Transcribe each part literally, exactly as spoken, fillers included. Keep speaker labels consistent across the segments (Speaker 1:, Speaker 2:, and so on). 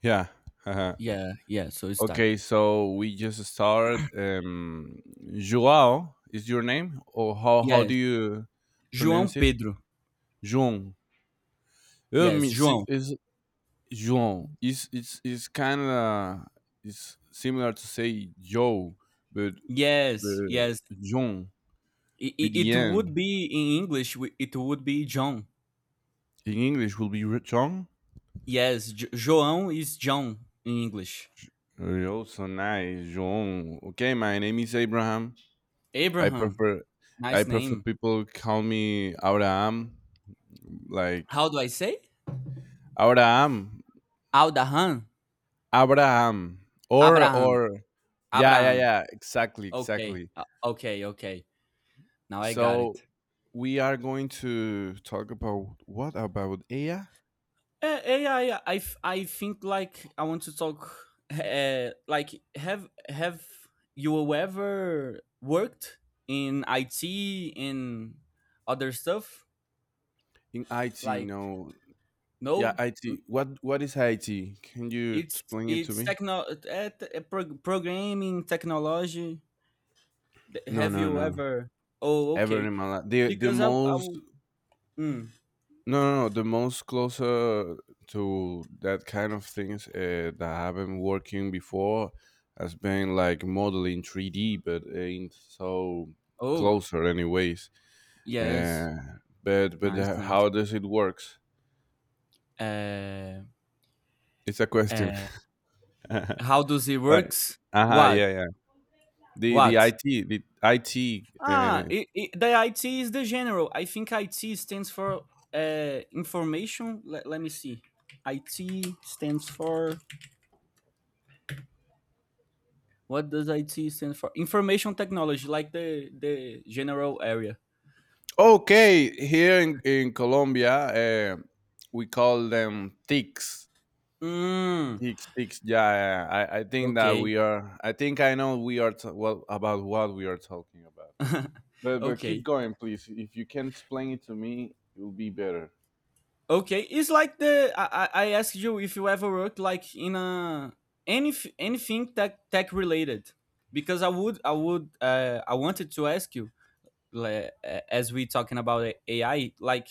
Speaker 1: Yeah. Haha.
Speaker 2: Yeah, yeah, so it
Speaker 1: Okay,
Speaker 2: started.
Speaker 1: so we just started. Um, Joao is your name, or how how do
Speaker 2: Yes.
Speaker 1: you
Speaker 2: João
Speaker 1: pronounce it?
Speaker 2: Pedro.
Speaker 1: João. Um,
Speaker 2: Yes,
Speaker 1: is
Speaker 2: João.
Speaker 1: is João. It's it's it's kind of it's similar to say Joe, but
Speaker 2: Yes,
Speaker 1: the
Speaker 2: yes.
Speaker 1: João
Speaker 2: I- i-
Speaker 1: with the
Speaker 2: It, would
Speaker 1: N
Speaker 2: be in English, we- it would be John.
Speaker 1: in English will be re- John.
Speaker 2: Yes, Jo- João is John in English.
Speaker 1: Oh, so nice, João. Okay, my name is Abraham. I
Speaker 2: Abraham.
Speaker 1: prefer
Speaker 2: Nice
Speaker 1: I prefer
Speaker 2: name.
Speaker 1: people call me Abraham. Like
Speaker 2: How do I say?
Speaker 1: Abraham,
Speaker 2: Aldahan?
Speaker 1: Abraham, or
Speaker 2: Abraham.
Speaker 1: or yeah, yeah,
Speaker 2: Abraham.
Speaker 1: yeah, exactly,
Speaker 2: Okay.
Speaker 1: exactly.
Speaker 2: uh, Okay, okay. Now I got
Speaker 1: So
Speaker 2: it.
Speaker 1: we are going to talk about what about A I
Speaker 2: Uh, yeah, yeah. I, f- I think like I want to talk. Uh, like have have you ever worked in I T in other stuff?
Speaker 1: in I T?
Speaker 2: Like
Speaker 1: No, yeah,
Speaker 2: no,
Speaker 1: IT. What what is I T? Can you
Speaker 2: it's
Speaker 1: explain it to
Speaker 2: it's
Speaker 1: me?
Speaker 2: techno uh, t- uh, prog- programming technology. Th-
Speaker 1: No,
Speaker 2: Have
Speaker 1: no,
Speaker 2: you
Speaker 1: no.
Speaker 2: ever? Oh,
Speaker 1: Ever
Speaker 2: okay.
Speaker 1: in my life, the the
Speaker 2: Because I I
Speaker 1: most.
Speaker 2: w- Mm.
Speaker 1: No, no, no. The most closer to that kind of things uh, that I've been working before has been like modeling three D, but ain't so
Speaker 2: Oh,
Speaker 1: closer, anyways.
Speaker 2: yes,
Speaker 1: Uh, but but
Speaker 2: nice,
Speaker 1: uh,
Speaker 2: nice.
Speaker 1: how does it works?
Speaker 2: Uh,
Speaker 1: It's a question.
Speaker 2: uh,
Speaker 1: Like,
Speaker 2: how does it works?
Speaker 1: uh-huh,
Speaker 2: What
Speaker 1: yeah, yeah. The the
Speaker 2: what?
Speaker 1: IT, the IT.
Speaker 2: Ah,
Speaker 1: Uh,
Speaker 2: I I the I T is the general. I think I T stands for uh, information. Let, let me see. I T stands for, what does I T stand for? Information technology, like the the general area.
Speaker 1: okay, here in in Colombia, uh, we call them T I Cs.
Speaker 2: Mm,
Speaker 1: Ticks, ticks. Yeah, yeah, yeah. I, I think that
Speaker 2: okay,
Speaker 1: we are. I think I know we are t- well about what we are talking about. But but keep
Speaker 2: okay,
Speaker 1: going, please. If you can explain it to me, it will be better.
Speaker 2: okay. It's like the I, I I asked you if you ever worked like in a any anything tech tech related, because I would I would uh, I wanted to ask you like, uh, as we talking about A I, like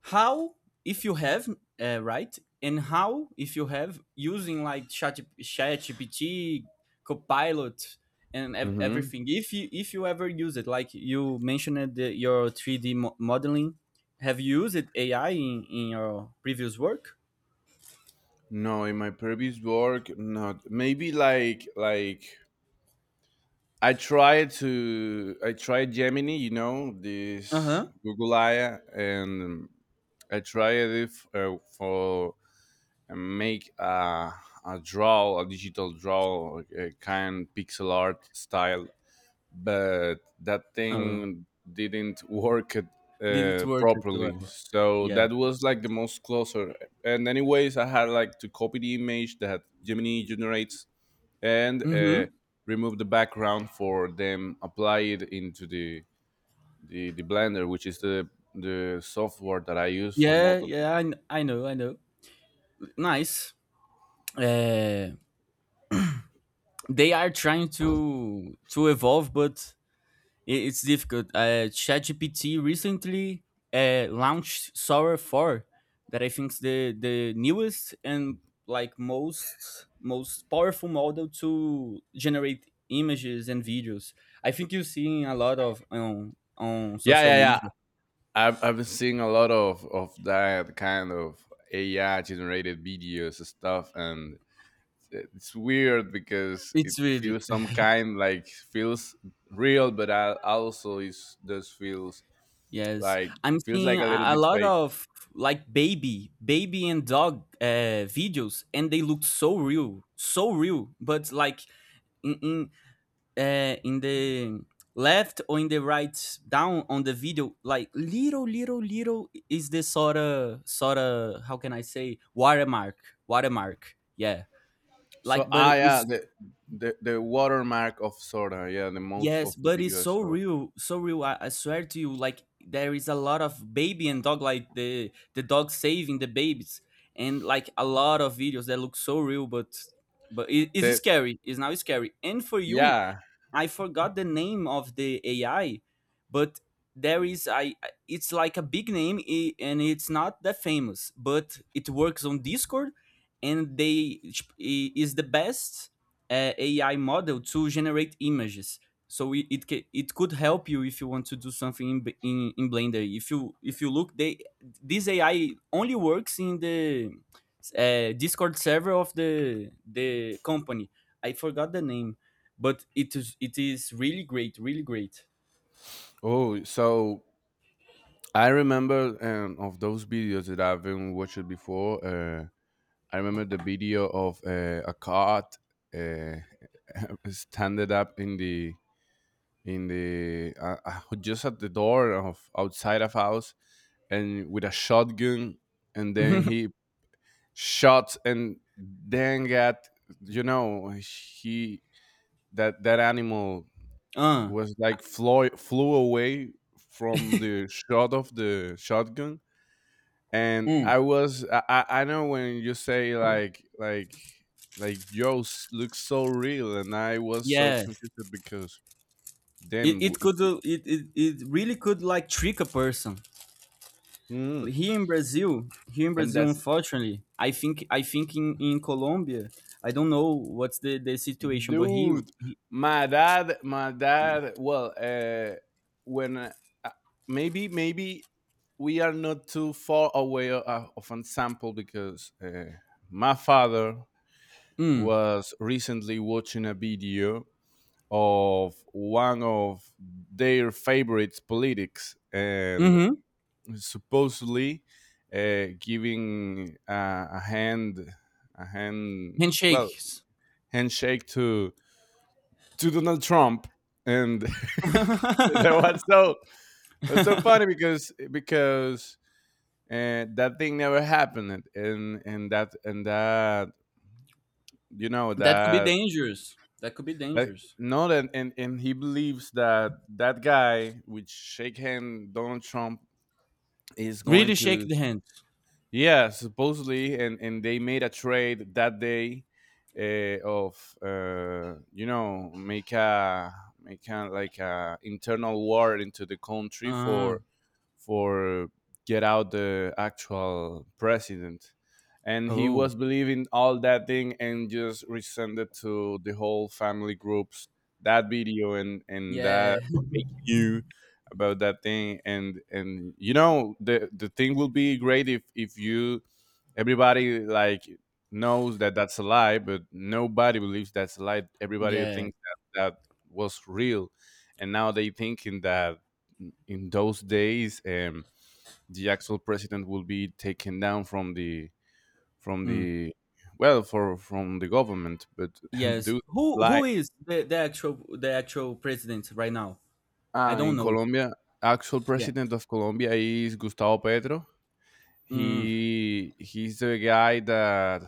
Speaker 2: how if you have uh, right, and how if you have using like chat chat gpt, copilot, and ev-
Speaker 1: Mm-hmm.
Speaker 2: everything, if you if you ever use it, like you mentioned the, your three d mo- modeling. Have you used ai in, in your previous work?
Speaker 1: No, in my previous work, not maybe like like I tried to I tried Gemini, you know, this
Speaker 2: Uh-huh.
Speaker 1: Google A I, and I tried it f- uh, for and make a, a draw, a digital draw, like a kind pixel art style, but that
Speaker 2: Oh,
Speaker 1: thing didn't work it,
Speaker 2: did it
Speaker 1: uh,
Speaker 2: work at well?
Speaker 1: properly. So
Speaker 2: Yeah.
Speaker 1: that was like the most closer. And anyways, I had like to copy the image that Gemini generates and uh,
Speaker 2: Mm-hmm.
Speaker 1: remove the background for them, apply it into the the, the Blender, which is the the software that I use for
Speaker 2: Yeah,
Speaker 1: modeling.
Speaker 2: yeah I, kn- I know i know. Nice. Uh, they are trying to to evolve, but it- it's difficult. Uh, ChatGPT recently uh, launched Sora four, that I think is the the newest and like most most powerful model to generate images and videos. I think you're seeing a lot of on on
Speaker 1: Yeah,
Speaker 2: social
Speaker 1: yeah, yeah.
Speaker 2: media.
Speaker 1: I've I've been seeing a lot of of that kind of A I generated videos and stuff, and it's weird because it
Speaker 2: It's weird.
Speaker 1: feels some kind like feels real, but I also is does feels
Speaker 2: Yes,
Speaker 1: like
Speaker 2: I'm
Speaker 1: it feels
Speaker 2: seeing
Speaker 1: like a
Speaker 2: a,
Speaker 1: little
Speaker 2: a
Speaker 1: bit
Speaker 2: lot
Speaker 1: fake.
Speaker 2: of like baby, baby and dog uh, videos, and they look so real, so real. But like in, in uh, in the left or in the right down on the video, like little little little is the sort of sort of, how can I say, watermark. Watermark, yeah.
Speaker 1: So
Speaker 2: Like but
Speaker 1: ah yeah,
Speaker 2: it's,
Speaker 1: the the, the watermark of Sora, yeah, the most
Speaker 2: yes
Speaker 1: of the
Speaker 2: but it's
Speaker 1: video I
Speaker 2: so
Speaker 1: saw.
Speaker 2: real, so real. i, I swear to you, like there is a lot of baby and dog, like the the dog saving the babies, and like a lot of videos that look so real. but but it is
Speaker 1: The
Speaker 2: scary, it's now scary. And for you,
Speaker 1: yeah.
Speaker 2: I forgot the name of the A I, but there is I it's like a big name, i- and it's not that famous, but it works on Discord, and they, i- is the best uh, A I model to generate images. So it it, ca- it could help you if you want to do something in, B- in in Blender. If you if you look, they, this A I only works in the uh, Discord server of the the company. I forgot the name, but it is it is really great, really great.
Speaker 1: Oh, so I remember um, of those videos that I've been watching before. Uh, I remember the video of uh, a cat uh, standing up in the in the uh, uh, just at the door of outside of house and with a shotgun and then he shot and then got, you know, he that that animal
Speaker 2: Uh,
Speaker 1: was like flew flew away from the shot of the shotgun, and
Speaker 2: mm,
Speaker 1: I was I, I know when you say like like like yo s- looks so real and I was so
Speaker 2: yeah,
Speaker 1: confused because
Speaker 2: it,
Speaker 1: damn
Speaker 2: it
Speaker 1: w-
Speaker 2: could uh, it, it, it really could like trick a person.
Speaker 1: mm,
Speaker 2: Here in Brazil, here in
Speaker 1: and
Speaker 2: Brazil,
Speaker 1: that's
Speaker 2: unfortunately, I think I think in, in Colombia, I don't know what's the, the situation, but he,
Speaker 1: dude.
Speaker 2: he
Speaker 1: My dad my dad well uh when uh, uh, maybe maybe we are not too far away o- uh, of an sample because uh, my father
Speaker 2: mm,
Speaker 1: was recently watching a video of one of their favorite politics and
Speaker 2: mm-hmm,
Speaker 1: supposedly uh, giving uh, a hand a hand well
Speaker 2: handshakes.
Speaker 1: handshake to to Donald Trump and that
Speaker 2: That
Speaker 1: was so was so funny because because uh, that thing never happened, and and that and that you know
Speaker 2: could be
Speaker 1: that.
Speaker 2: dangerous. That could be
Speaker 1: Like,
Speaker 2: dangerous.
Speaker 1: no, that and and he believes that that guy, which shake hand Donald Trump, is going
Speaker 2: Really shake
Speaker 1: to
Speaker 2: the hands.
Speaker 1: yeah, supposedly, and and they made a trade that day, uh, of uh, you know, make a make a like a internal war into the country
Speaker 2: Uh,
Speaker 1: for for get out the actual president, and he
Speaker 2: oh,
Speaker 1: was believing all that thing and just resend it to the whole family groups that video and and that
Speaker 2: yeah,
Speaker 1: fake you about that thing, and and you know the the thing will be great if if you everybody like knows that that's a lie, but nobody believes that's a lie. Everybody
Speaker 2: yeah.
Speaker 1: thinks that that was real, and now they thinking that in those days um, the actual president will be taken down from the from
Speaker 2: Mm.
Speaker 1: the well for from the government, but
Speaker 2: Yes.
Speaker 1: do
Speaker 2: Who
Speaker 1: lie.
Speaker 2: who is the, the actual, the actual president right now? I
Speaker 1: Ah,
Speaker 2: don't
Speaker 1: in
Speaker 2: know.
Speaker 1: Colombia, actual
Speaker 2: Yeah.
Speaker 1: president of Colombia is Gustavo Petro.
Speaker 2: Mm.
Speaker 1: He he's the guy that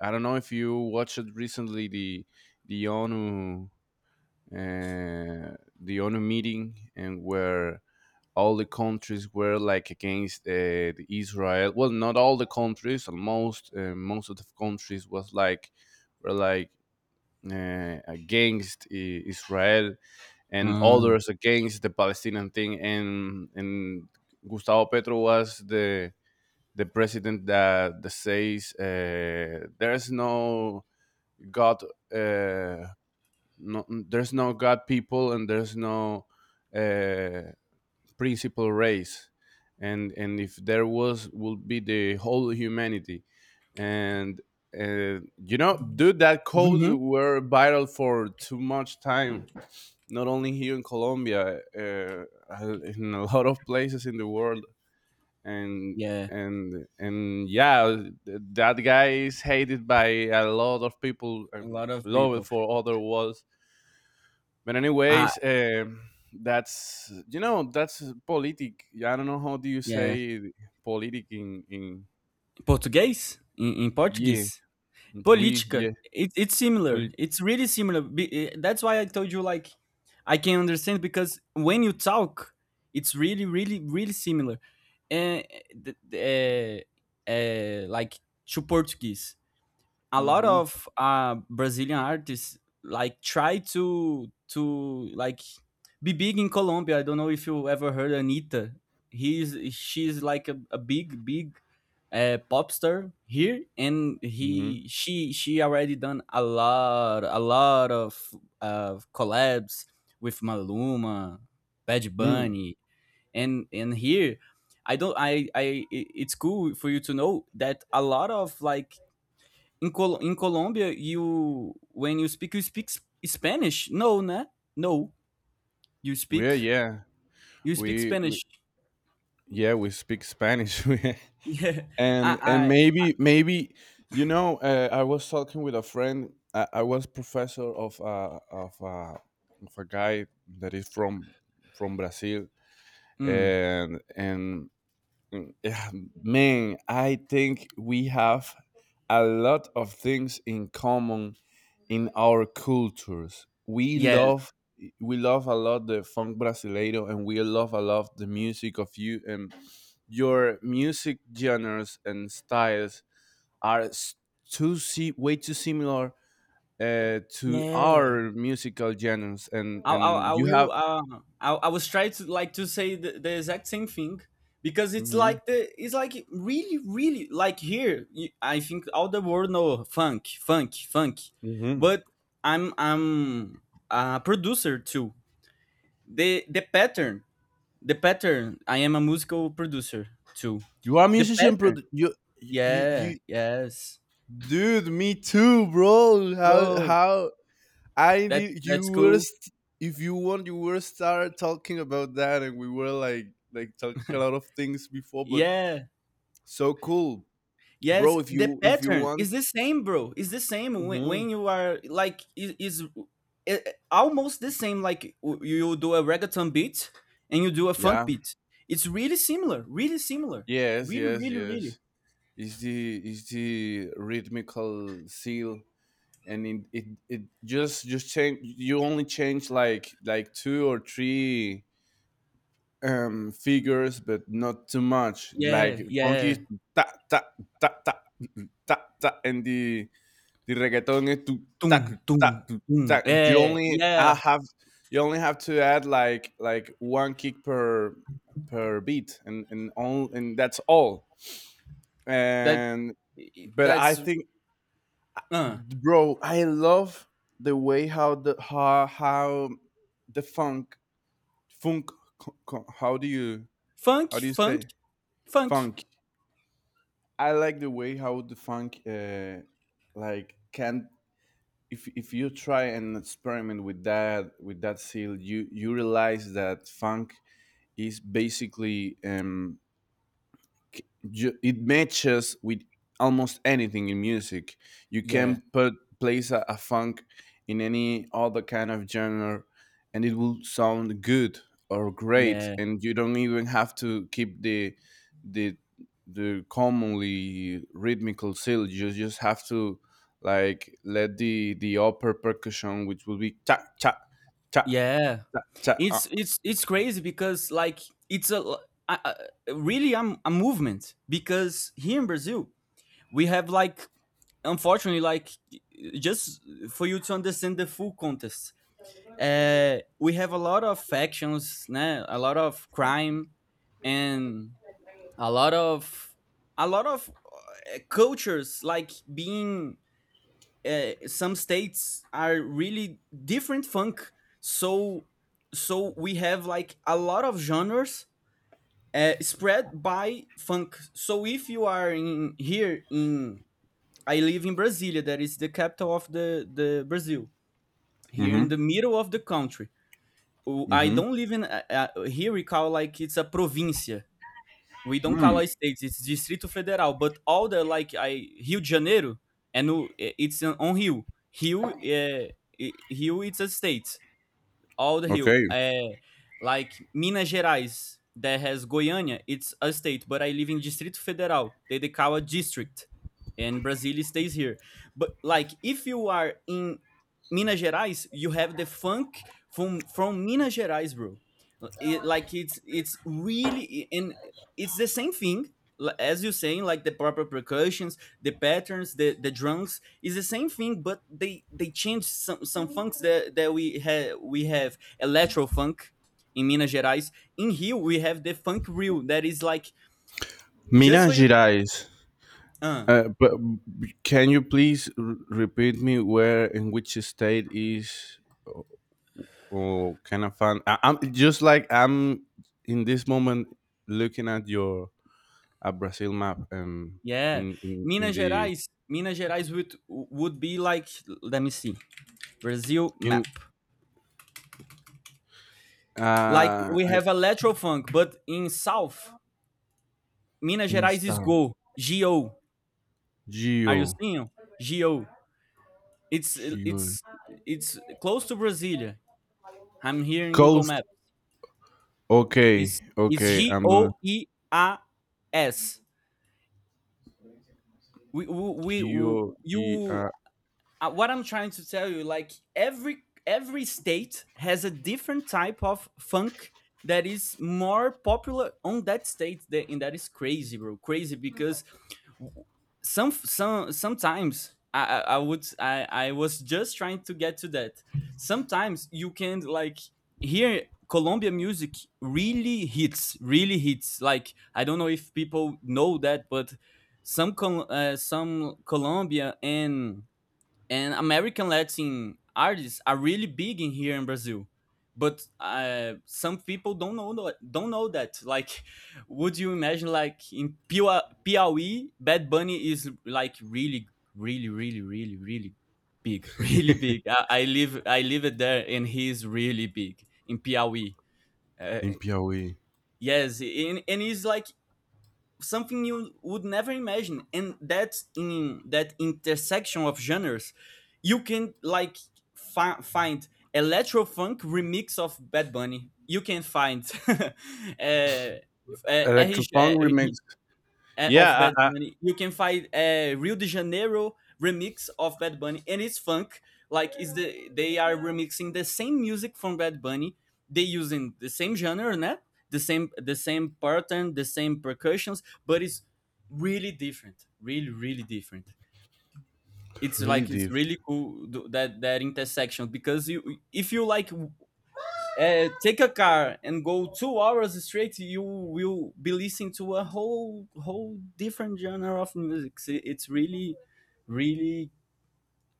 Speaker 1: I don't know if you watched recently the the ONU, uh, the ONU meeting, and where all the countries were like against uh, the Israel. Well, not all the countries, almost uh, most of the countries was like were like uh, against I- Israel and
Speaker 2: Mm.
Speaker 1: others against the Palestinian thing. And and Gustavo Petro was the the president that, that says uh, there's no God, uh, no, there's no God people, and there's no uh, principal race, and and if there was would be the whole humanity and, uh, you know dude that codes
Speaker 2: Hmm.
Speaker 1: were vital for too much time, not only here in Colombia, uh, uh, in a lot of places in the world. And
Speaker 2: Yeah.
Speaker 1: and and yeah, th- that guy is hated by a lot of people
Speaker 2: A
Speaker 1: and
Speaker 2: lot of
Speaker 1: loved
Speaker 2: people.
Speaker 1: for other worlds. But
Speaker 2: Ah.
Speaker 1: anyways, um that's you know that's politic. I don't know how do you
Speaker 2: Yeah.
Speaker 1: say it, politic in in
Speaker 2: Portuguese in, in
Speaker 1: yeah
Speaker 2: Portuguese.
Speaker 1: we
Speaker 2: Política.
Speaker 1: yeah
Speaker 2: It, it's similar.
Speaker 1: polit-
Speaker 2: It's really similar. Be- eh, That's why I told you, like I can understand, because when you talk, it's really really really similar, and uh, like to Portuguese. A lot
Speaker 1: mm-hmm,
Speaker 2: of uh, Brazilian artists like try to to like be big in Colombia. I don't know if you ever heard Anita. He's She's like a, a big big uh, pop star here, and
Speaker 1: mm-hmm.
Speaker 2: he she she already done a lot, a lot of uh, collabs with Maluma, Bad
Speaker 1: Mm.
Speaker 2: Bunny, and and here. I don't. I. I. I- It's cool for you to know that a lot of like in Col in Colômbia, you, when you speak, you speak s- Spanish? No, né? No, you
Speaker 1: Yeah,
Speaker 2: speak
Speaker 1: yeah
Speaker 2: you speak
Speaker 1: we we
Speaker 2: Spanish.
Speaker 1: yeah, we speak Spanish We-
Speaker 2: Yeah, I,
Speaker 1: and and
Speaker 2: I
Speaker 1: maybe maybe you know, uh, I was talking with a friend. I, I was professor of uh, of uh, of a guy that is from from Brazil
Speaker 2: mm,
Speaker 1: and and mm, yeah, man, I think we have a lot of things in common in our cultures. We
Speaker 2: yes,
Speaker 1: love we love a lot the funk brasileiro, and we love a lot the music of you, and your music genres and styles are s- too si- way too similar uh, to
Speaker 2: yeah.
Speaker 1: our musical genres, and
Speaker 2: I, I, I
Speaker 1: and you have
Speaker 2: will. Uh, I, I was trying to like to say the, the exact same thing, because it's
Speaker 1: mhm,
Speaker 2: like the, it's like really really like here. you- I think all the world know funk, funk, funk,
Speaker 1: mhm.
Speaker 2: but I'm I'm a producer too. The the pattern, the pattern, I am a musical producer too.
Speaker 1: You are a
Speaker 2: The
Speaker 1: musician
Speaker 2: pattern,
Speaker 1: produ- you you
Speaker 2: yeah,
Speaker 1: you
Speaker 2: yes.
Speaker 1: dude, me too, bro. How
Speaker 2: Oh,
Speaker 1: how I
Speaker 2: that's
Speaker 1: did you
Speaker 2: that's
Speaker 1: were
Speaker 2: cool.
Speaker 1: st- if you want you were start talking about that, and we were like like talking a lot of things before, but
Speaker 2: Yeah,
Speaker 1: so cool,
Speaker 2: yes.
Speaker 1: bro. If
Speaker 2: The
Speaker 1: you if you
Speaker 2: pattern is
Speaker 1: want,
Speaker 2: the same, bro. It's the same when,
Speaker 1: hmm
Speaker 2: when you are like is is eh, eh, almost the same. Like w- you do a reggaeton beat and you do a funk
Speaker 1: yeah,
Speaker 2: beat. It's really similar. Really similar.
Speaker 1: yes,
Speaker 2: Really,
Speaker 1: yes,
Speaker 2: really, really.
Speaker 1: yes. It's the it's the rhythmical seal, and it it, it just just change. You only change like like two or three um figures but not too much.
Speaker 2: Yeah,
Speaker 1: Like funky
Speaker 2: yeah.
Speaker 1: is ta ta ta ta ta ta and the the reggaeton is tu ta tu,
Speaker 2: Doom,
Speaker 1: ta
Speaker 2: doom,
Speaker 1: tu,
Speaker 2: doom.
Speaker 1: ta you
Speaker 2: Yeah,
Speaker 1: only
Speaker 2: yeah.
Speaker 1: I have you only have to add like like one kick per per beat and and all and that's all,
Speaker 2: That
Speaker 1: and but I
Speaker 2: that's
Speaker 1: think
Speaker 2: uh
Speaker 1: bro, I love the way how the how how the funk funk co- co- how do you
Speaker 2: Funk,
Speaker 1: how do you
Speaker 2: funk,
Speaker 1: say
Speaker 2: funk.
Speaker 1: funk. I like the way how the funk, uh, like, can if if you try and experiment with that with that seal, you you realize that funk is basically um, c- ju- it matches with almost anything in music. You
Speaker 2: Yeah,
Speaker 1: can put place a, a funk in any other kind of genre, and it will sound good or great,
Speaker 2: yeah,
Speaker 1: and you don't even have to keep the the the commonly rhythmical seal. You just have to like let the the upper percussion, which will be cha cha cha
Speaker 2: yeah.
Speaker 1: cha cha. Uh.
Speaker 2: It's it's it's crazy because like it's a l- I- I- really I'm a movement, because here in Brazil we have like, unfortunately, like, just for you to understand the full context. Uh, we have a lot of factions, né? A lot of crime, and a lot of, a lot of uh, cultures like being uh, some states are really different funk. So so we have like a lot of genres uh, spread by funk. So if you are in here in, I live in Brasilia, that is the capital of the the Brazil, here in the
Speaker 1: Mm-hmm.
Speaker 2: middle of the country. Oh, I
Speaker 1: Mm-hmm.
Speaker 2: don't live in uh, uh, here. We call, like it's a provincia, we don't call it states. It's Distrito Federal. But all the like, I Rio de Janeiro, and it's on Rio. Rio, é, i- Rio, it's a state, all the hill.
Speaker 1: Okay.
Speaker 2: Uh, like Minas Gerais, that has Goiânia. It's a state, but I live in Distrito Federal. They they call a district, and Brazil stays here. But like, if you are in Minas Gerais, you have the funk from from Minas Gerais, bro. It, like it's it's really, and it's the same thing, l- as you saying, like the proper percussions, the patterns, the the drums, it's the same thing, but they they changed some some funks that that we have. We have electro funk in Minas Gerais. In Rio, we have the funk reel, that is like, just
Speaker 1: Mina
Speaker 2: for you.
Speaker 1: Gerais.
Speaker 2: Uh,
Speaker 1: Uh, but can you please r- repeat me where in which state is or kind of fun? I, I'm just like I'm in this moment looking at your at Brazil map and
Speaker 2: yeah,
Speaker 1: in in,
Speaker 2: Minas
Speaker 1: in the
Speaker 2: Gerais. Minas Gerais would would be like, let me see, Brazil map.
Speaker 1: in
Speaker 2: Like,
Speaker 1: uh
Speaker 2: we
Speaker 1: I,
Speaker 2: have electro funk, but in South Minas
Speaker 1: in
Speaker 2: Gerais is
Speaker 1: Sao
Speaker 2: go go. Are you
Speaker 1: Geo
Speaker 2: seeing go? It's
Speaker 1: Geo
Speaker 2: it's it's close to Brasilia. I'm here in Google
Speaker 1: Coast.
Speaker 2: Map.
Speaker 1: Okay,
Speaker 2: It's it's
Speaker 1: okay.
Speaker 2: G
Speaker 1: I'm
Speaker 2: O E A S. We, we, we
Speaker 1: Geo e,
Speaker 2: you
Speaker 1: uh,
Speaker 2: uh, What I'm trying to tell you, like every every state has a different type of funk that is more popular on that state that, and that is crazy, bro, crazy. Because some some sometimes I, I I would I, I was just trying to get to that. Sometimes you can like hear Colombia music, really hits, really hits. Like, I don't know if people know that, but some Col- uh, some Colombia and and American Latin artists are really big in here in Brazil. But uh, some people don't know, don't know that. Like, would you imagine, like, in Piau- Piauí, Bad Bunny is like really, really, really, really, really big, really big. I, I live I live it there, and he's really big in Piauí. Uh,
Speaker 1: in Piauí.
Speaker 2: yes, and, and he's like something you would never imagine, and that's in that intersection of genres. You can like fi- find electro funk remix of bad bunny, you can find uh, uh, R G, uh,
Speaker 1: Electrofunk remix.
Speaker 2: uh, of
Speaker 1: Yeah,
Speaker 2: Bad
Speaker 1: I, I,
Speaker 2: Bunny. You can find a Rio de Janeiro remix of Bad Bunny, and it's funk. Like, is the, they are remixing the same music from Bad Bunny. They using the same genre, né? The same the same pattern, the same percussions, but it's really different. Really, really different. It's
Speaker 1: really
Speaker 2: like it's
Speaker 1: deep.
Speaker 2: really cool th- that that intersection, because you, if you like, w- uh, take a car and go two hours straight, you will be listening to a whole, whole different genre of music. So it's really, really,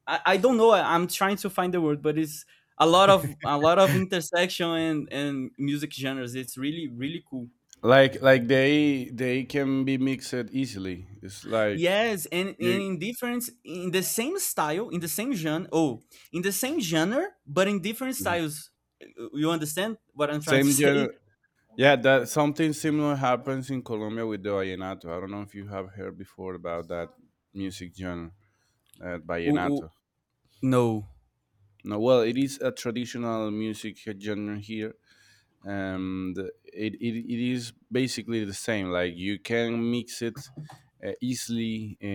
Speaker 2: I, I don't know. I, I'm trying to find the word, but it's a lot of, a lot of intersection and and music genres. It's really really cool.
Speaker 1: Like like they they can be mixed easily. It's like
Speaker 2: Yes, and, and
Speaker 1: you
Speaker 2: in different in the same style, in the same genre. Oh, in the same genre, but in different
Speaker 1: mhm.
Speaker 2: styles. You understand what I'm trying to
Speaker 1: Same
Speaker 2: say?
Speaker 1: genre. Yeah, that something similar happens in Colombia with the vallenato. I don't know if you have heard before about that music genre, uh,
Speaker 2: Ooh, ooh,
Speaker 1: vallenato.
Speaker 2: no,
Speaker 1: No, well, it is a traditional music genre here, and it, it, it is basically the same like you can mix it uh, easily uh,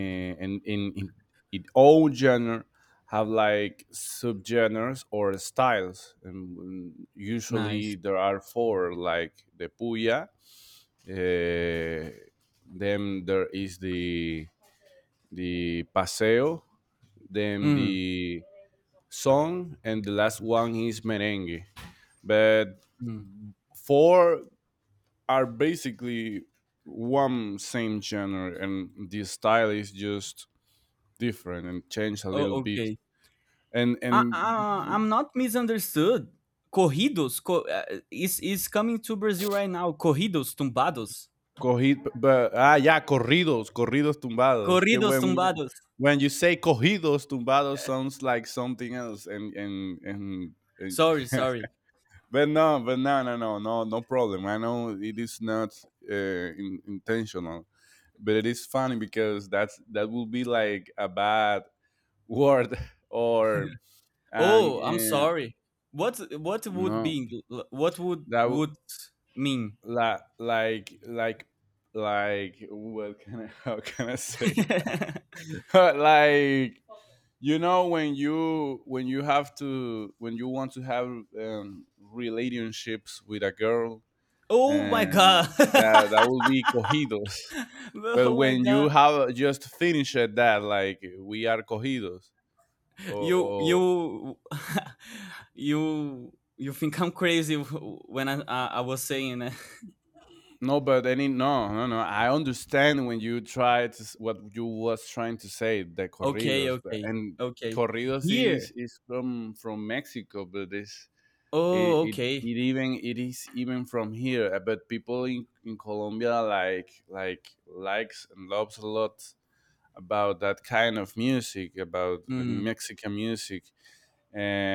Speaker 1: and in, in it all genre have like subgenres or styles, and mm, usually
Speaker 2: nice.
Speaker 1: there are four like the puya, uh, then there is the the paseo, then
Speaker 2: Mm.
Speaker 1: the song, and the last one is merengue, but
Speaker 2: Mm.
Speaker 1: four are basically one same genre, and the style is just different and changed a little
Speaker 2: Oh,
Speaker 1: bit,
Speaker 2: okay.
Speaker 1: and
Speaker 2: I,
Speaker 1: and
Speaker 2: I, I'm not misunderstood. Corridos co- uh, is is coming to Brazil right now. Corridos tumbados.
Speaker 1: cogid but ah yeah corridos corridos tumbados que
Speaker 2: Corridos
Speaker 1: when you
Speaker 2: tumbados.
Speaker 1: when you say cogidos tumbados sounds like something else and and and, and
Speaker 2: Sorry, sorry.
Speaker 1: but no but no no no no no problem. I know it is not uh, in, intentional, but it is funny because that's that will be like a bad word or and
Speaker 2: Oh, I'm
Speaker 1: uh,
Speaker 2: sorry. What what would
Speaker 1: no
Speaker 2: be Engl- what would
Speaker 1: that w-
Speaker 2: would mean?
Speaker 1: la, like like like what can I how can I say that like you know when you when you have to when you want to have um, relationships with a girl,
Speaker 2: Oh my
Speaker 1: and
Speaker 2: god.
Speaker 1: that that will be cogidos, but
Speaker 2: Oh my
Speaker 1: when
Speaker 2: god.
Speaker 1: you have just finished that like we are cogidos or,
Speaker 2: You
Speaker 1: or
Speaker 2: you you you think I'm crazy when I I, I was saying, eh?
Speaker 1: no, but any no, no, no. I understand when you try to s- what you was trying to say, the
Speaker 2: Okay,
Speaker 1: corridos, but
Speaker 2: okay,
Speaker 1: and
Speaker 2: okay.
Speaker 1: corridos is
Speaker 2: Here,
Speaker 1: is from from Mexico, but this it,
Speaker 2: oh,
Speaker 1: it
Speaker 2: okay.
Speaker 1: it even it is even from here. uh, But people in in Colombia like like likes and loves a lot about that kind of music, about the
Speaker 2: Mm.
Speaker 1: Mexican music,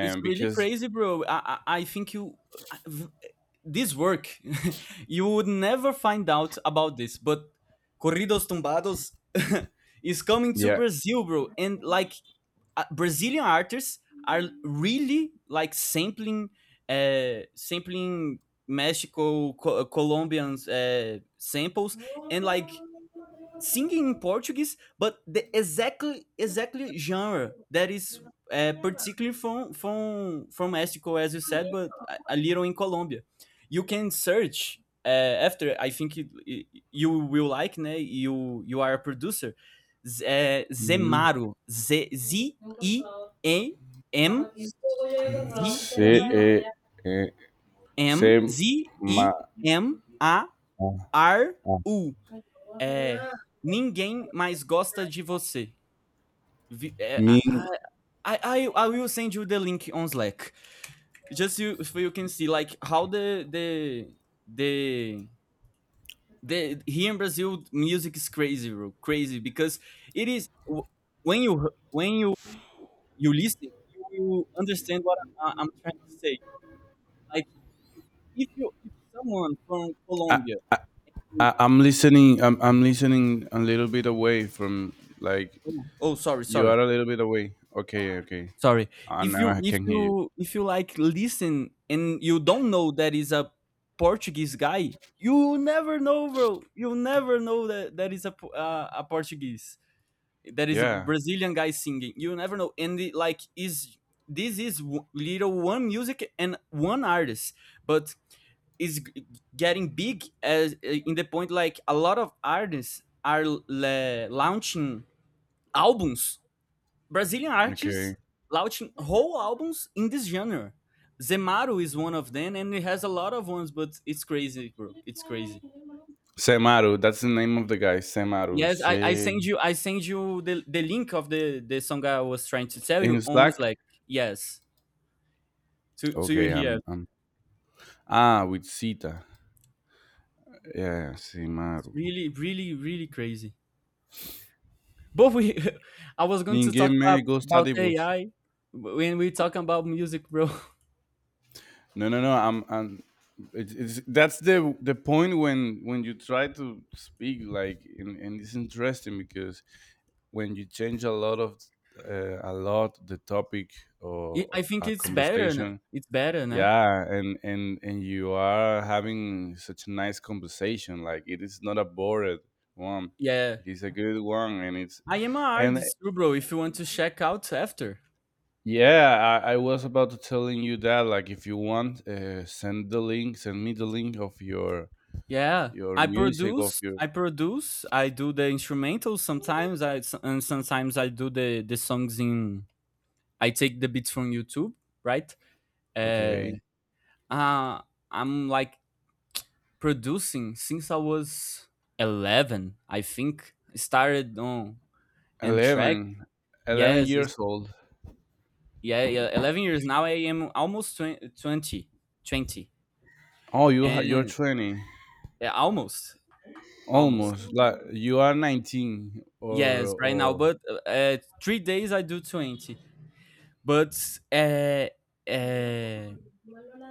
Speaker 2: It's really
Speaker 1: because
Speaker 2: crazy, bro. I, I, I think you, I- v- this work, you would never find out about this. But Corridos Tumbados is coming to
Speaker 1: yeah.
Speaker 2: Brazil, bro. And like uh, Brazilian artists are really like sampling, uh, sampling Mexico, co- Colombians uh, samples, and like singing in Portuguese, but the exactly exactly genre that is uh, particularly from from from Mexico, as you said, but a, a little in Colombia. You can search uh, after. I think it, it- you will like. Né? You you are a producer. Z- eh,
Speaker 1: Mhm.
Speaker 2: Zemaro. Z Z I E M Z
Speaker 1: Sí,
Speaker 2: I
Speaker 1: eh, eh,
Speaker 2: M
Speaker 1: same.
Speaker 2: Z
Speaker 1: My,
Speaker 2: I M A
Speaker 1: uh,
Speaker 2: R
Speaker 1: uh,
Speaker 2: U. É, ninguém mais gosta de você. V- eh, I,
Speaker 1: me.
Speaker 2: I, I, I will send you the link on Slack. Just you, so you can see like how the the the the here in Brazil music is crazy, bro, crazy because it is wh- when you when you you listen, you will understand what I, I'm trying to say. Like if you if someone from
Speaker 1: I,
Speaker 2: Colombia.
Speaker 1: I, I'm listening. I'm, I'm listening a little bit away from like
Speaker 2: oh, oh sorry
Speaker 1: you
Speaker 2: sorry,
Speaker 1: are a little bit away. Okay. Okay.
Speaker 2: Sorry.
Speaker 1: Uh,
Speaker 2: If
Speaker 1: now
Speaker 2: you
Speaker 1: I
Speaker 2: if
Speaker 1: can hear you.
Speaker 2: you if you like listen and you don't know that is a Portuguese guy, you never know, bro. You'll never know that that is a Po- uh, a Portuguese. That is a
Speaker 1: Yeah.
Speaker 2: Brazilian guy singing. You never know. And the, like is this is w- little one music and one artist, but is g- getting big as uh, in the point like a lot of artists are l- le- launching albums, Brazilian artists
Speaker 1: Okay.
Speaker 2: launching whole albums in this genre. Zemaru is one of them, and it has a lot of ones, but it's crazy, bro. It's crazy.
Speaker 1: Semaru. That's the name of the guy. Semaru.
Speaker 2: Yes, I, I
Speaker 1: Se
Speaker 2: send you I send you the, the link of the, the song I was trying to tell
Speaker 1: in
Speaker 2: you on,
Speaker 1: Slack.
Speaker 2: like, yes, to to you
Speaker 1: Okay.
Speaker 2: here.
Speaker 1: I'm. I'm ah with Sita. Yeah.
Speaker 2: It's
Speaker 1: Semaru.
Speaker 2: really, really, really crazy. But we I was going to
Speaker 1: Ninguém
Speaker 2: talk about
Speaker 1: me gosta
Speaker 2: about
Speaker 1: de você.
Speaker 2: A I when we talk about music, bro.
Speaker 1: No, no, no. I'm, I'm it's, it's that's the the point when when you try to speak like and, and it's interesting because when you change a lot of uh, a lot the topic
Speaker 2: I
Speaker 1: of,
Speaker 2: I
Speaker 1: of
Speaker 2: think
Speaker 1: a
Speaker 2: it's better. n-
Speaker 1: conversation
Speaker 2: It's better, né?
Speaker 1: yeah and and and you are having such a nice conversation like it is not a bored one.
Speaker 2: Yeah.
Speaker 1: It is a good one and it's
Speaker 2: I am an
Speaker 1: and
Speaker 2: artist too, bro. If you want to check out after,
Speaker 1: yeah, I, I was about to telling you that. Like, if you want, uh, send the link. Send me the link of your
Speaker 2: yeah,
Speaker 1: your
Speaker 2: I
Speaker 1: music of
Speaker 2: produce,
Speaker 1: your.
Speaker 2: I produce, I do the instrumentals sometimes. I and sometimes I do the the songs in. I take the beats from YouTube, right?
Speaker 1: Okay,
Speaker 2: Uh, uh I'm like producing since I was eleven, I think. Started on and track.
Speaker 1: eleven, eleven
Speaker 2: Yes, it's-
Speaker 1: years old.
Speaker 2: yeah, yeah, eleven years now. I am almost twen- twenty, twenty,
Speaker 1: Oh, you ha- you're
Speaker 2: and
Speaker 1: twenty
Speaker 2: yeah, almost, almost.
Speaker 1: almost. Like you are nineteen or
Speaker 2: Yes, right now,
Speaker 1: or.
Speaker 2: but uh, uh, three days I do twenty. But uh, uh,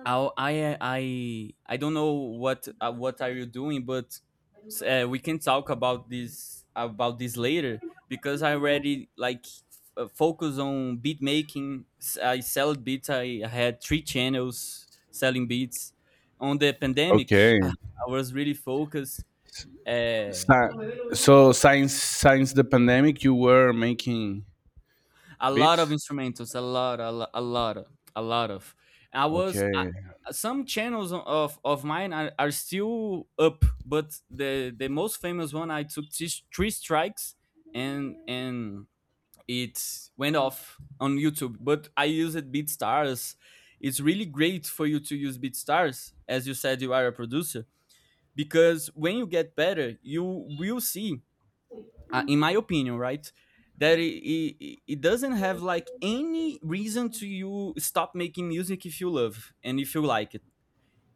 Speaker 2: i I I I don't know what uh, what are you doing, but uh, we can talk about this about this later because I already like f- focus on beat making. S- I sell beats. I had three channels selling beats on the pandemic.
Speaker 1: Okay.
Speaker 2: I I was really focused. Uh,
Speaker 1: Si- so since since the pandemic, you were making
Speaker 2: a lot of
Speaker 1: beats.
Speaker 2: instrumentals, a lot a, lot, a lot of a lot of. i was I,
Speaker 1: Okay.
Speaker 2: some channels of of mine are, are still up, but the the most famous one, I took three, three strikes and and it went off on YouTube. But I used BeatStars. It's really great for you to use BeatStars. As you said, you are a producer. Because when you get better, you will see, uh, in my opinion, right? That it, it, it doesn't have like any reason to you stop making music if you love and if you like it.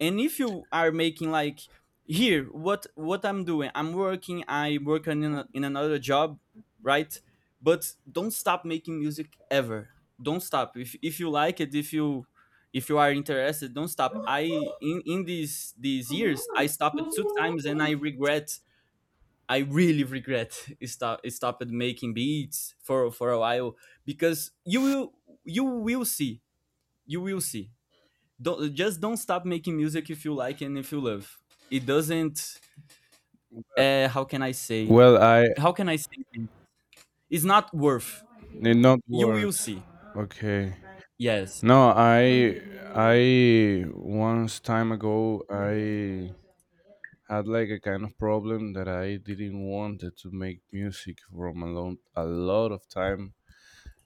Speaker 2: And if you are making like here, what what I'm doing, I'm working, I work in, a, in another job, right? But don't stop making music ever. Don't stop. If if you like it, if you if you are interested, don't stop. I in in these these years, I stopped two times and I regret I really regret it stop it stopped making beats for for a while because you will you will see, you will see. Don't just don't stop making music if you like and if you love. It doesn't. Uh, how can I say?
Speaker 1: Well, I
Speaker 2: How can I say? it? It's not worth.
Speaker 1: did not
Speaker 2: You will
Speaker 1: words.
Speaker 2: see.
Speaker 1: Okay.
Speaker 2: Yes.
Speaker 1: No, I I once time ago I had like a kind of problem that I didn't wanted to make music from a long a lot of time.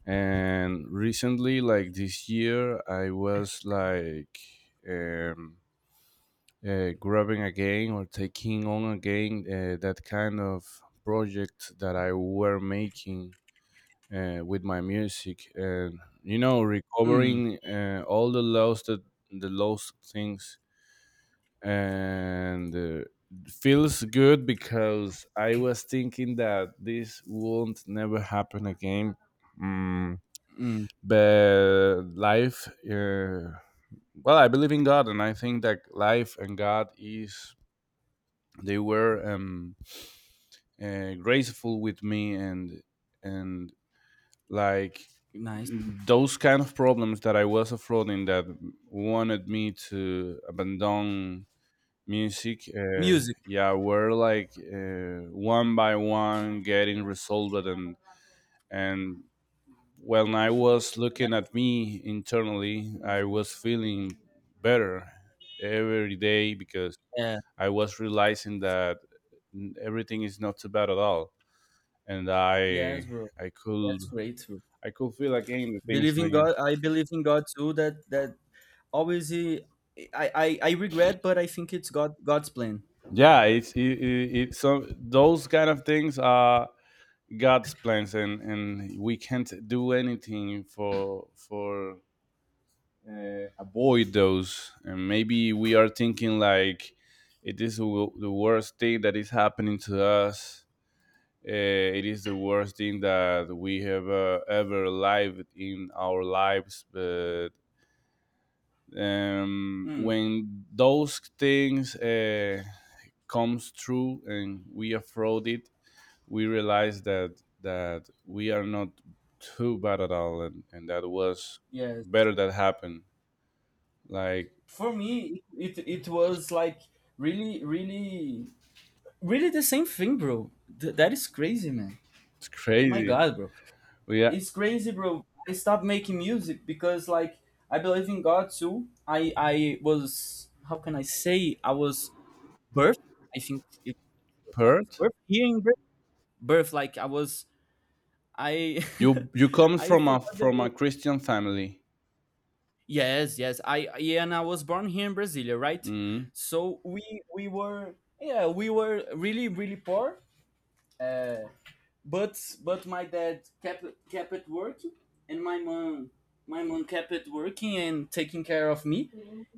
Speaker 1: And recently, like this year, I was like um, uh, grabbing again or taking on again uh, that kind of project that I were making uh, with my music and you know
Speaker 2: Mm,
Speaker 1: recovering uh, all the lost that the lost things and uh, feels good because I was thinking that this won't never happen again. Mm,
Speaker 2: mm,
Speaker 1: but life, uh, well, I believe in God, and I think that life and God is they were um, uh, graceful with me and and like
Speaker 2: nice.
Speaker 1: those kind of problems that I was affronting that wanted me to abandon music, uh,
Speaker 2: Music.
Speaker 1: yeah, were like uh, one by one getting resolved. And, and when I was
Speaker 2: That-
Speaker 1: looking at me internally, I was feeling better every day because
Speaker 2: yeah.
Speaker 1: I was realizing that everything is not so bad at all. And
Speaker 2: Yes,
Speaker 1: I,
Speaker 2: bro.
Speaker 1: I could,
Speaker 2: That's great, bro.
Speaker 1: I could feel again the things
Speaker 2: Believe in God. I believe in God too. That that obviously, I, I, I regret, but I think it's God God's plan.
Speaker 1: yeah it's it, it, it so those kind of things are god's plans and and we can't do anything for for uh, avoid those and maybe we are thinking like it is w- the worst thing that is happening to us uh, it is the worst thing that we have uh, ever lived in our lives but um,
Speaker 2: Mm,
Speaker 1: when those things uh, comes true and we afford it we realized that that we are not too bad at all and, and that was
Speaker 2: yes.
Speaker 1: better that happened like
Speaker 2: For me, it it was like really, really, really, the same thing, bro. Th- that is crazy, man.
Speaker 1: it's
Speaker 2: Oh my
Speaker 1: crazy
Speaker 2: God, bro.
Speaker 1: we are
Speaker 2: It's crazy, bro. I stopped making music because, like, I believe in God too. I I was, how can I say? I was birth. I think it, I was
Speaker 1: perth.
Speaker 2: birth here in Brazil. Birth, like I was. I
Speaker 1: you you come
Speaker 2: I
Speaker 1: from a
Speaker 2: forgot the
Speaker 1: from a
Speaker 2: word.
Speaker 1: christian family.
Speaker 2: Yes, yes. I Yeah, and I was born here in Brasilia, right?
Speaker 1: Mm,
Speaker 2: So we we were, yeah, we were really, really poor. Uh, but but my dad kept kept it working, and my mom my mom kept it working and taking care of me.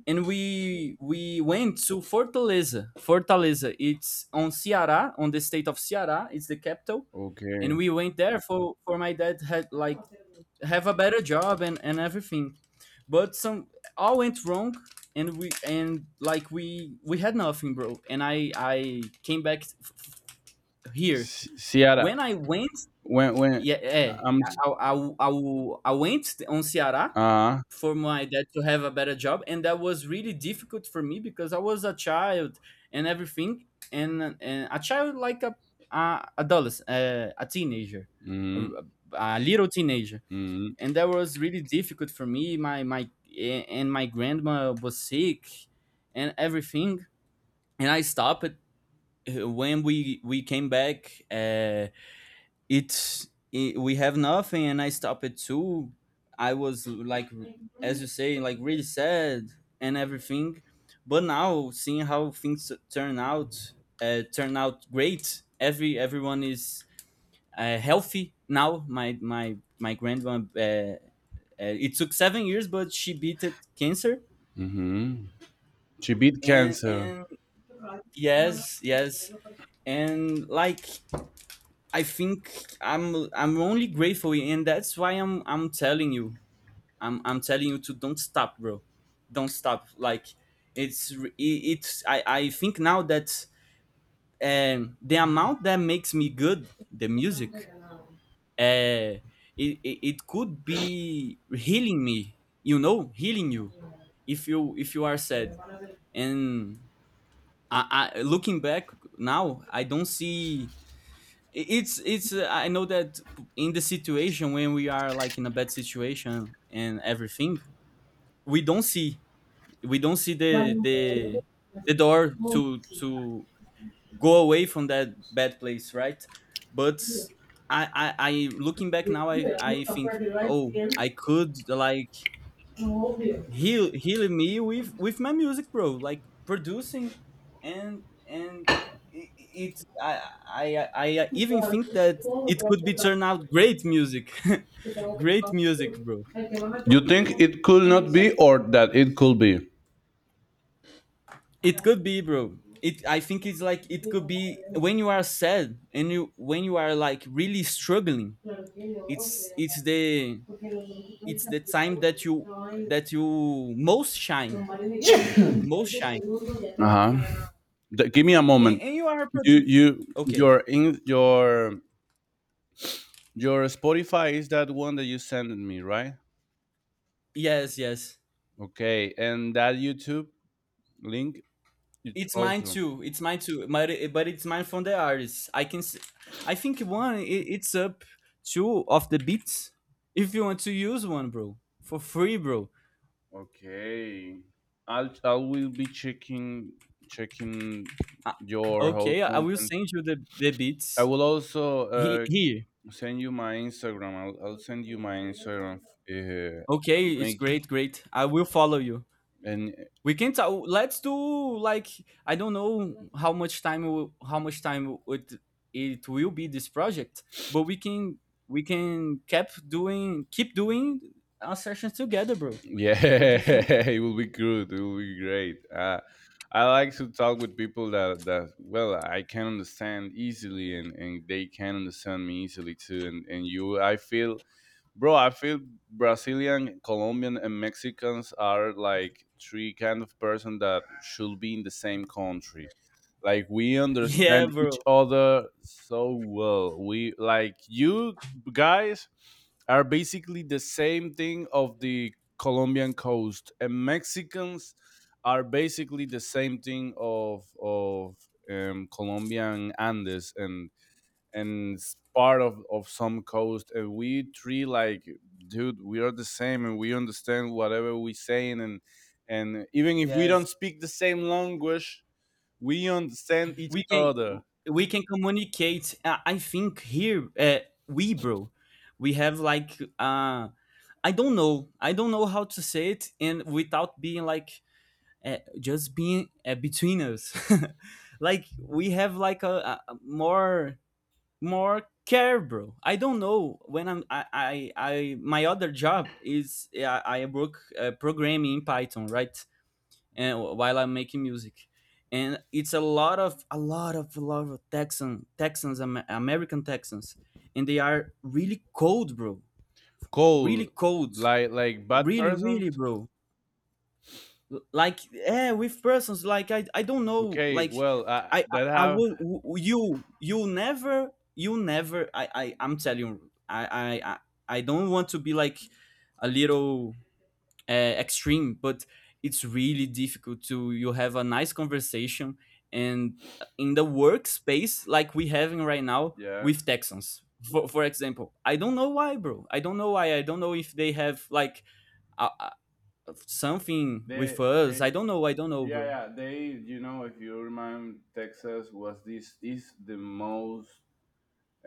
Speaker 2: And we we went to Fortaleza. Fortaleza, it's on Ceará, on the state of Ceará. It's the capital,
Speaker 1: okay.
Speaker 2: and we went there for, for my dad had like have a better job and and everything, but some all went wrong. And we and like we we had nothing, bro. And i i came back, f- f- here
Speaker 1: S- Ciara,
Speaker 2: when I went.
Speaker 1: when when
Speaker 2: Yeah, yeah.
Speaker 1: I'm
Speaker 2: I, I, I, I went on Ceará
Speaker 1: uh.
Speaker 2: for my dad to have a better job, and that was really difficult for me because I was a child and everything. And and a child, like a, a adolescent, uh, a teenager,
Speaker 1: Mm,
Speaker 2: a,
Speaker 1: mm,
Speaker 2: a little teenager,
Speaker 1: mm-hmm.
Speaker 2: and that was really difficult for me. My my a- and my grandma was sick and everything, and I stopped. Uh, when we we came back, uh it's it, we have nothing and I stopped it too. I was like, as you say, like really sad and everything. But now seeing how things turn out, uh, turn out great. Every everyone is uh, healthy now. My my my grandma, uh, uh, it took seven years, but she beat it cancer.
Speaker 1: Mm-hmm. She beat
Speaker 2: And
Speaker 1: cancer.
Speaker 2: and yes, yes, and like, I think I'm I'm only grateful, and that's why I'm I'm telling you, I'm I'm telling you to don't stop, bro, don't stop. Like it's re- it- it's I I think now that um the amount that makes me good, the music, uh, it it, it could be healing me, you know, healing you, if you if you are sad. And I, I looking back now, I don't see. It's it's uh, I know that in the situation when we are like in a bad situation and everything, we don't see. We don't see the the the door to to go away from that bad place, right? But i i, I looking back now i i think, oh, I could like heal, healing me with with my music, bro, like producing. And and it, it I, I I even think that it could be turned out great music. Great music, bro.
Speaker 1: You think it could not be or that it could be?
Speaker 2: It could be, bro. It i think it's like it could be when you are sad and you when you are like really struggling. It's it's the it's the time that you that you most shine, most shine
Speaker 1: Uh-huh. Give me a
Speaker 2: and,
Speaker 1: moment.
Speaker 2: and you are a
Speaker 1: You
Speaker 2: producer.
Speaker 1: you
Speaker 2: Okay,
Speaker 1: your in your your Spotify is that one that you sent me, right?
Speaker 2: yes, yes.
Speaker 1: Okay, and that YouTube link it's
Speaker 2: It's mine
Speaker 1: also
Speaker 2: too. It's mine too. But it, but it's mine from the artist. I can. s- I think one. It, it's up two of the beats. If you want to use one, bro, for free, bro.
Speaker 1: okay. I'll I will be checking checking
Speaker 2: Uh,
Speaker 1: your whole
Speaker 2: okay, I will
Speaker 1: content.
Speaker 2: send you the the
Speaker 1: I
Speaker 2: beats.
Speaker 1: will also
Speaker 2: He
Speaker 1: uh,
Speaker 2: Here.
Speaker 1: send you my Instagram. I'll, I'll send you my Instagram. Uh,
Speaker 2: Okay, it's
Speaker 1: make
Speaker 2: great, great. I will follow you.
Speaker 1: and
Speaker 2: We can talk. Let's do, like, I don't know how much time will- how much time it it will be this project. But we can we can keep doing, keep doing our sessions together, bro.
Speaker 1: yeah,
Speaker 2: What do you think?
Speaker 1: it will be good. It will be great. Uh, I like to talk with people that, that well, I can understand easily and, and they can understand me easily too. And, and you, I feel bro, I feel Brazilian, Colombian, and Mexicans are like three kind of person that should be in the same country. Like we
Speaker 2: Yeah,
Speaker 1: understand each
Speaker 2: bro.
Speaker 1: other so well. We like you guys are basically the same thing of the Colombian coast, and Mexicans are basically the same thing of of um, Colombian Andes and and it's part of of some coast and we three like dude we are the same and we understand whatever we saying and and even if we
Speaker 2: Yes,
Speaker 1: don't speak the same language we understand each
Speaker 2: we can
Speaker 1: other
Speaker 2: we can communicate. Uh, I think here, uh, we, bro, we have like, uh I don't know I don't know how to say it, and without being like, uh, just being, uh, between us. Like we have like a, a more more care, bro. I don't know. When I'm I I, I my other job is, I, I work uh, programming in Python, right? And while I'm making music. And it's a lot of a lot of a lot of Texan Texans, Am- American Texans, and they are really cold, bro. Really
Speaker 1: cold
Speaker 2: cold.
Speaker 1: like like bad
Speaker 2: Really,
Speaker 1: persons
Speaker 2: really, bro. L- like, yeah, with persons, like i i don't know,
Speaker 1: okay
Speaker 2: like
Speaker 1: well uh,
Speaker 2: i i,
Speaker 1: that
Speaker 2: I
Speaker 1: have
Speaker 2: would w- you you never you never, i i i'm telling you i i i I don't want to be like a little uh, extreme, but it's really difficult to you have a nice conversation and in the workspace like we having right now
Speaker 1: yeah
Speaker 2: with Texans, for, for example. I don't know why, bro. i don't know why I don't know if they have like a, something with
Speaker 1: they
Speaker 2: us.
Speaker 1: they
Speaker 2: I don't know. I don't know,
Speaker 1: yeah
Speaker 2: bro.
Speaker 1: yeah they you know if you remember Texas was this is the most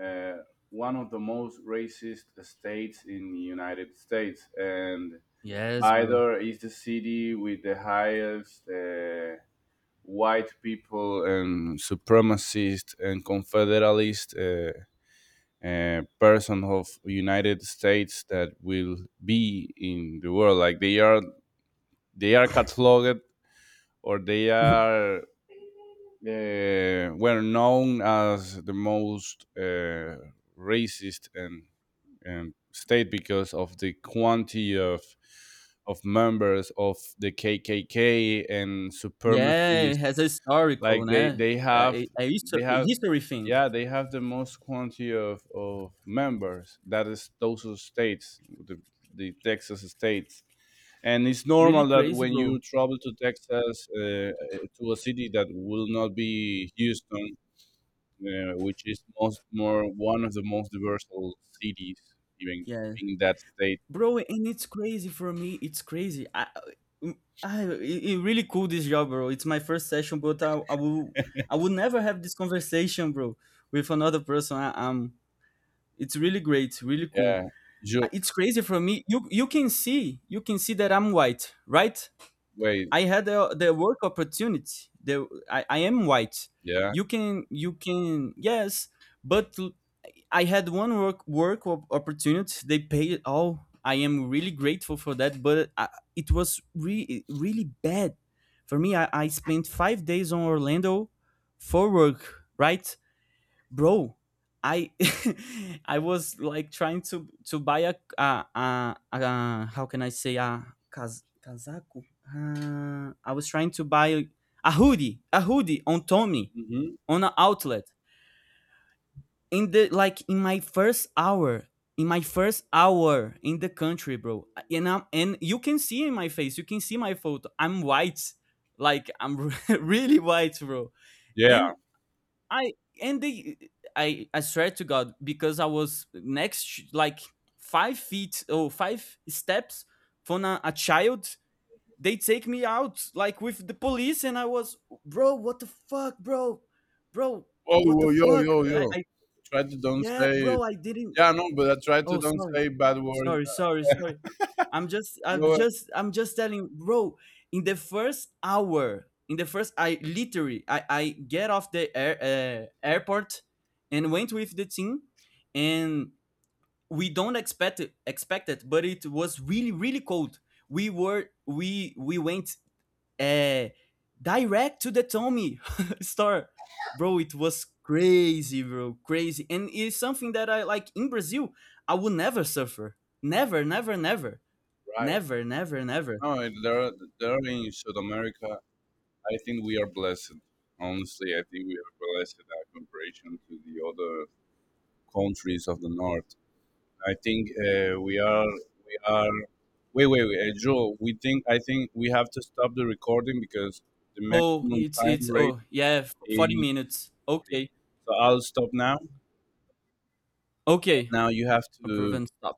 Speaker 1: uh, one of the most racist states in the United States, and
Speaker 2: Yes, bro.
Speaker 1: Bidor is the city with the highest uh, white people and supremacist and confederalist uh, uh, person of United States that will be in the world. Like they are, they are cataloged or they are uh, were known as the most uh, racist and um, state because of the quantity of of members of the K K K and
Speaker 2: Yeah, it
Speaker 1: supremacists.
Speaker 2: has a
Speaker 1: Like
Speaker 2: historical,
Speaker 1: they
Speaker 2: né?
Speaker 1: they have
Speaker 2: A, a histo-
Speaker 1: they
Speaker 2: a
Speaker 1: have
Speaker 2: history thing.
Speaker 1: yeah they have the most quantity of of members. That is those are states the the Texas states. And it's
Speaker 2: Really
Speaker 1: normal that
Speaker 2: crazy,
Speaker 1: when you
Speaker 2: bro.
Speaker 1: travel to Texas, uh, to a city that will not be Houston, uh, which is most more one of the most diverse cities, even
Speaker 2: Yeah,
Speaker 1: in that state.
Speaker 2: bro, and it's crazy for me. It's crazy. I, I, it it really cool this job, bro. It's my first session, but I, I will, I will never have this conversation, bro, with another person. I, I'm. It's really great, really cool.
Speaker 1: Yeah.
Speaker 2: Uh,
Speaker 1: Ju-
Speaker 2: It's crazy for me. You, you can see, you can see that I'm white, right?
Speaker 1: wait.
Speaker 2: I had the, the work opportunity. The I, I am white.
Speaker 1: Yeah.
Speaker 2: You can you can, yes, but l- I had one work work op- opportunity. They paid it all. I am really grateful for that, but I, it was re- really bad for me. I, I spent five days on Orlando for work, right? Bro, I I was like trying to to buy a uh, uh, uh how can I say, a kaz- casaco, uh, I was trying to buy a hoodie a hoodie on Tommy,
Speaker 1: Hmm.
Speaker 2: on an outlet, in the, like, in my first hour, in my first hour in the country, bro. And i and you can see in my face, you can see my photo, I'm white, like I'm really white, bro.
Speaker 1: Yeah.
Speaker 2: And I and they I I swear to God because I was next, like, five feet or five steps from a, a child. They take me out like with the police, and I was, bro, what the fuck, bro, bro.
Speaker 1: Oh,
Speaker 2: What the
Speaker 1: whoa, yo,
Speaker 2: fuck?
Speaker 1: yo,
Speaker 2: I,
Speaker 1: yo.
Speaker 2: I
Speaker 1: Try to don't
Speaker 2: Yeah,
Speaker 1: say.
Speaker 2: bro. I didn't.
Speaker 1: Yeah, no, but I try to
Speaker 2: Oh,
Speaker 1: don't
Speaker 2: sorry.
Speaker 1: say bad words.
Speaker 2: Sorry, sorry, sorry. I'm just I'm
Speaker 1: No,
Speaker 2: just I'm just telling, bro, in the first hour, in the first I literally I I get off the air, uh, airport and went with the team, and we don't expect it, expect it, but it was really, really cold. We were we we went uh, direct to the Tommy store. Bro, it was crazy, bro, crazy. And it's something that I like in Brazil, I would never suffer. Never, never, never.
Speaker 1: right.
Speaker 2: Never, never, never.
Speaker 1: No, there, there in South America. I think we are blessed. Honestly, I think we are blessed in comparison to the other countries of the north. I think uh, we are we are wait wait wait uh, Joe. We think I think we have to stop the recording because the
Speaker 2: Oh,
Speaker 1: maximum
Speaker 2: it's
Speaker 1: time
Speaker 2: it's
Speaker 1: rate
Speaker 2: oh, yeah, forty
Speaker 1: is
Speaker 2: minutes.
Speaker 1: forty.
Speaker 2: Okay.
Speaker 1: So I'll stop now.
Speaker 2: Okay.
Speaker 1: Now you have
Speaker 2: Approve
Speaker 1: to
Speaker 2: and stop.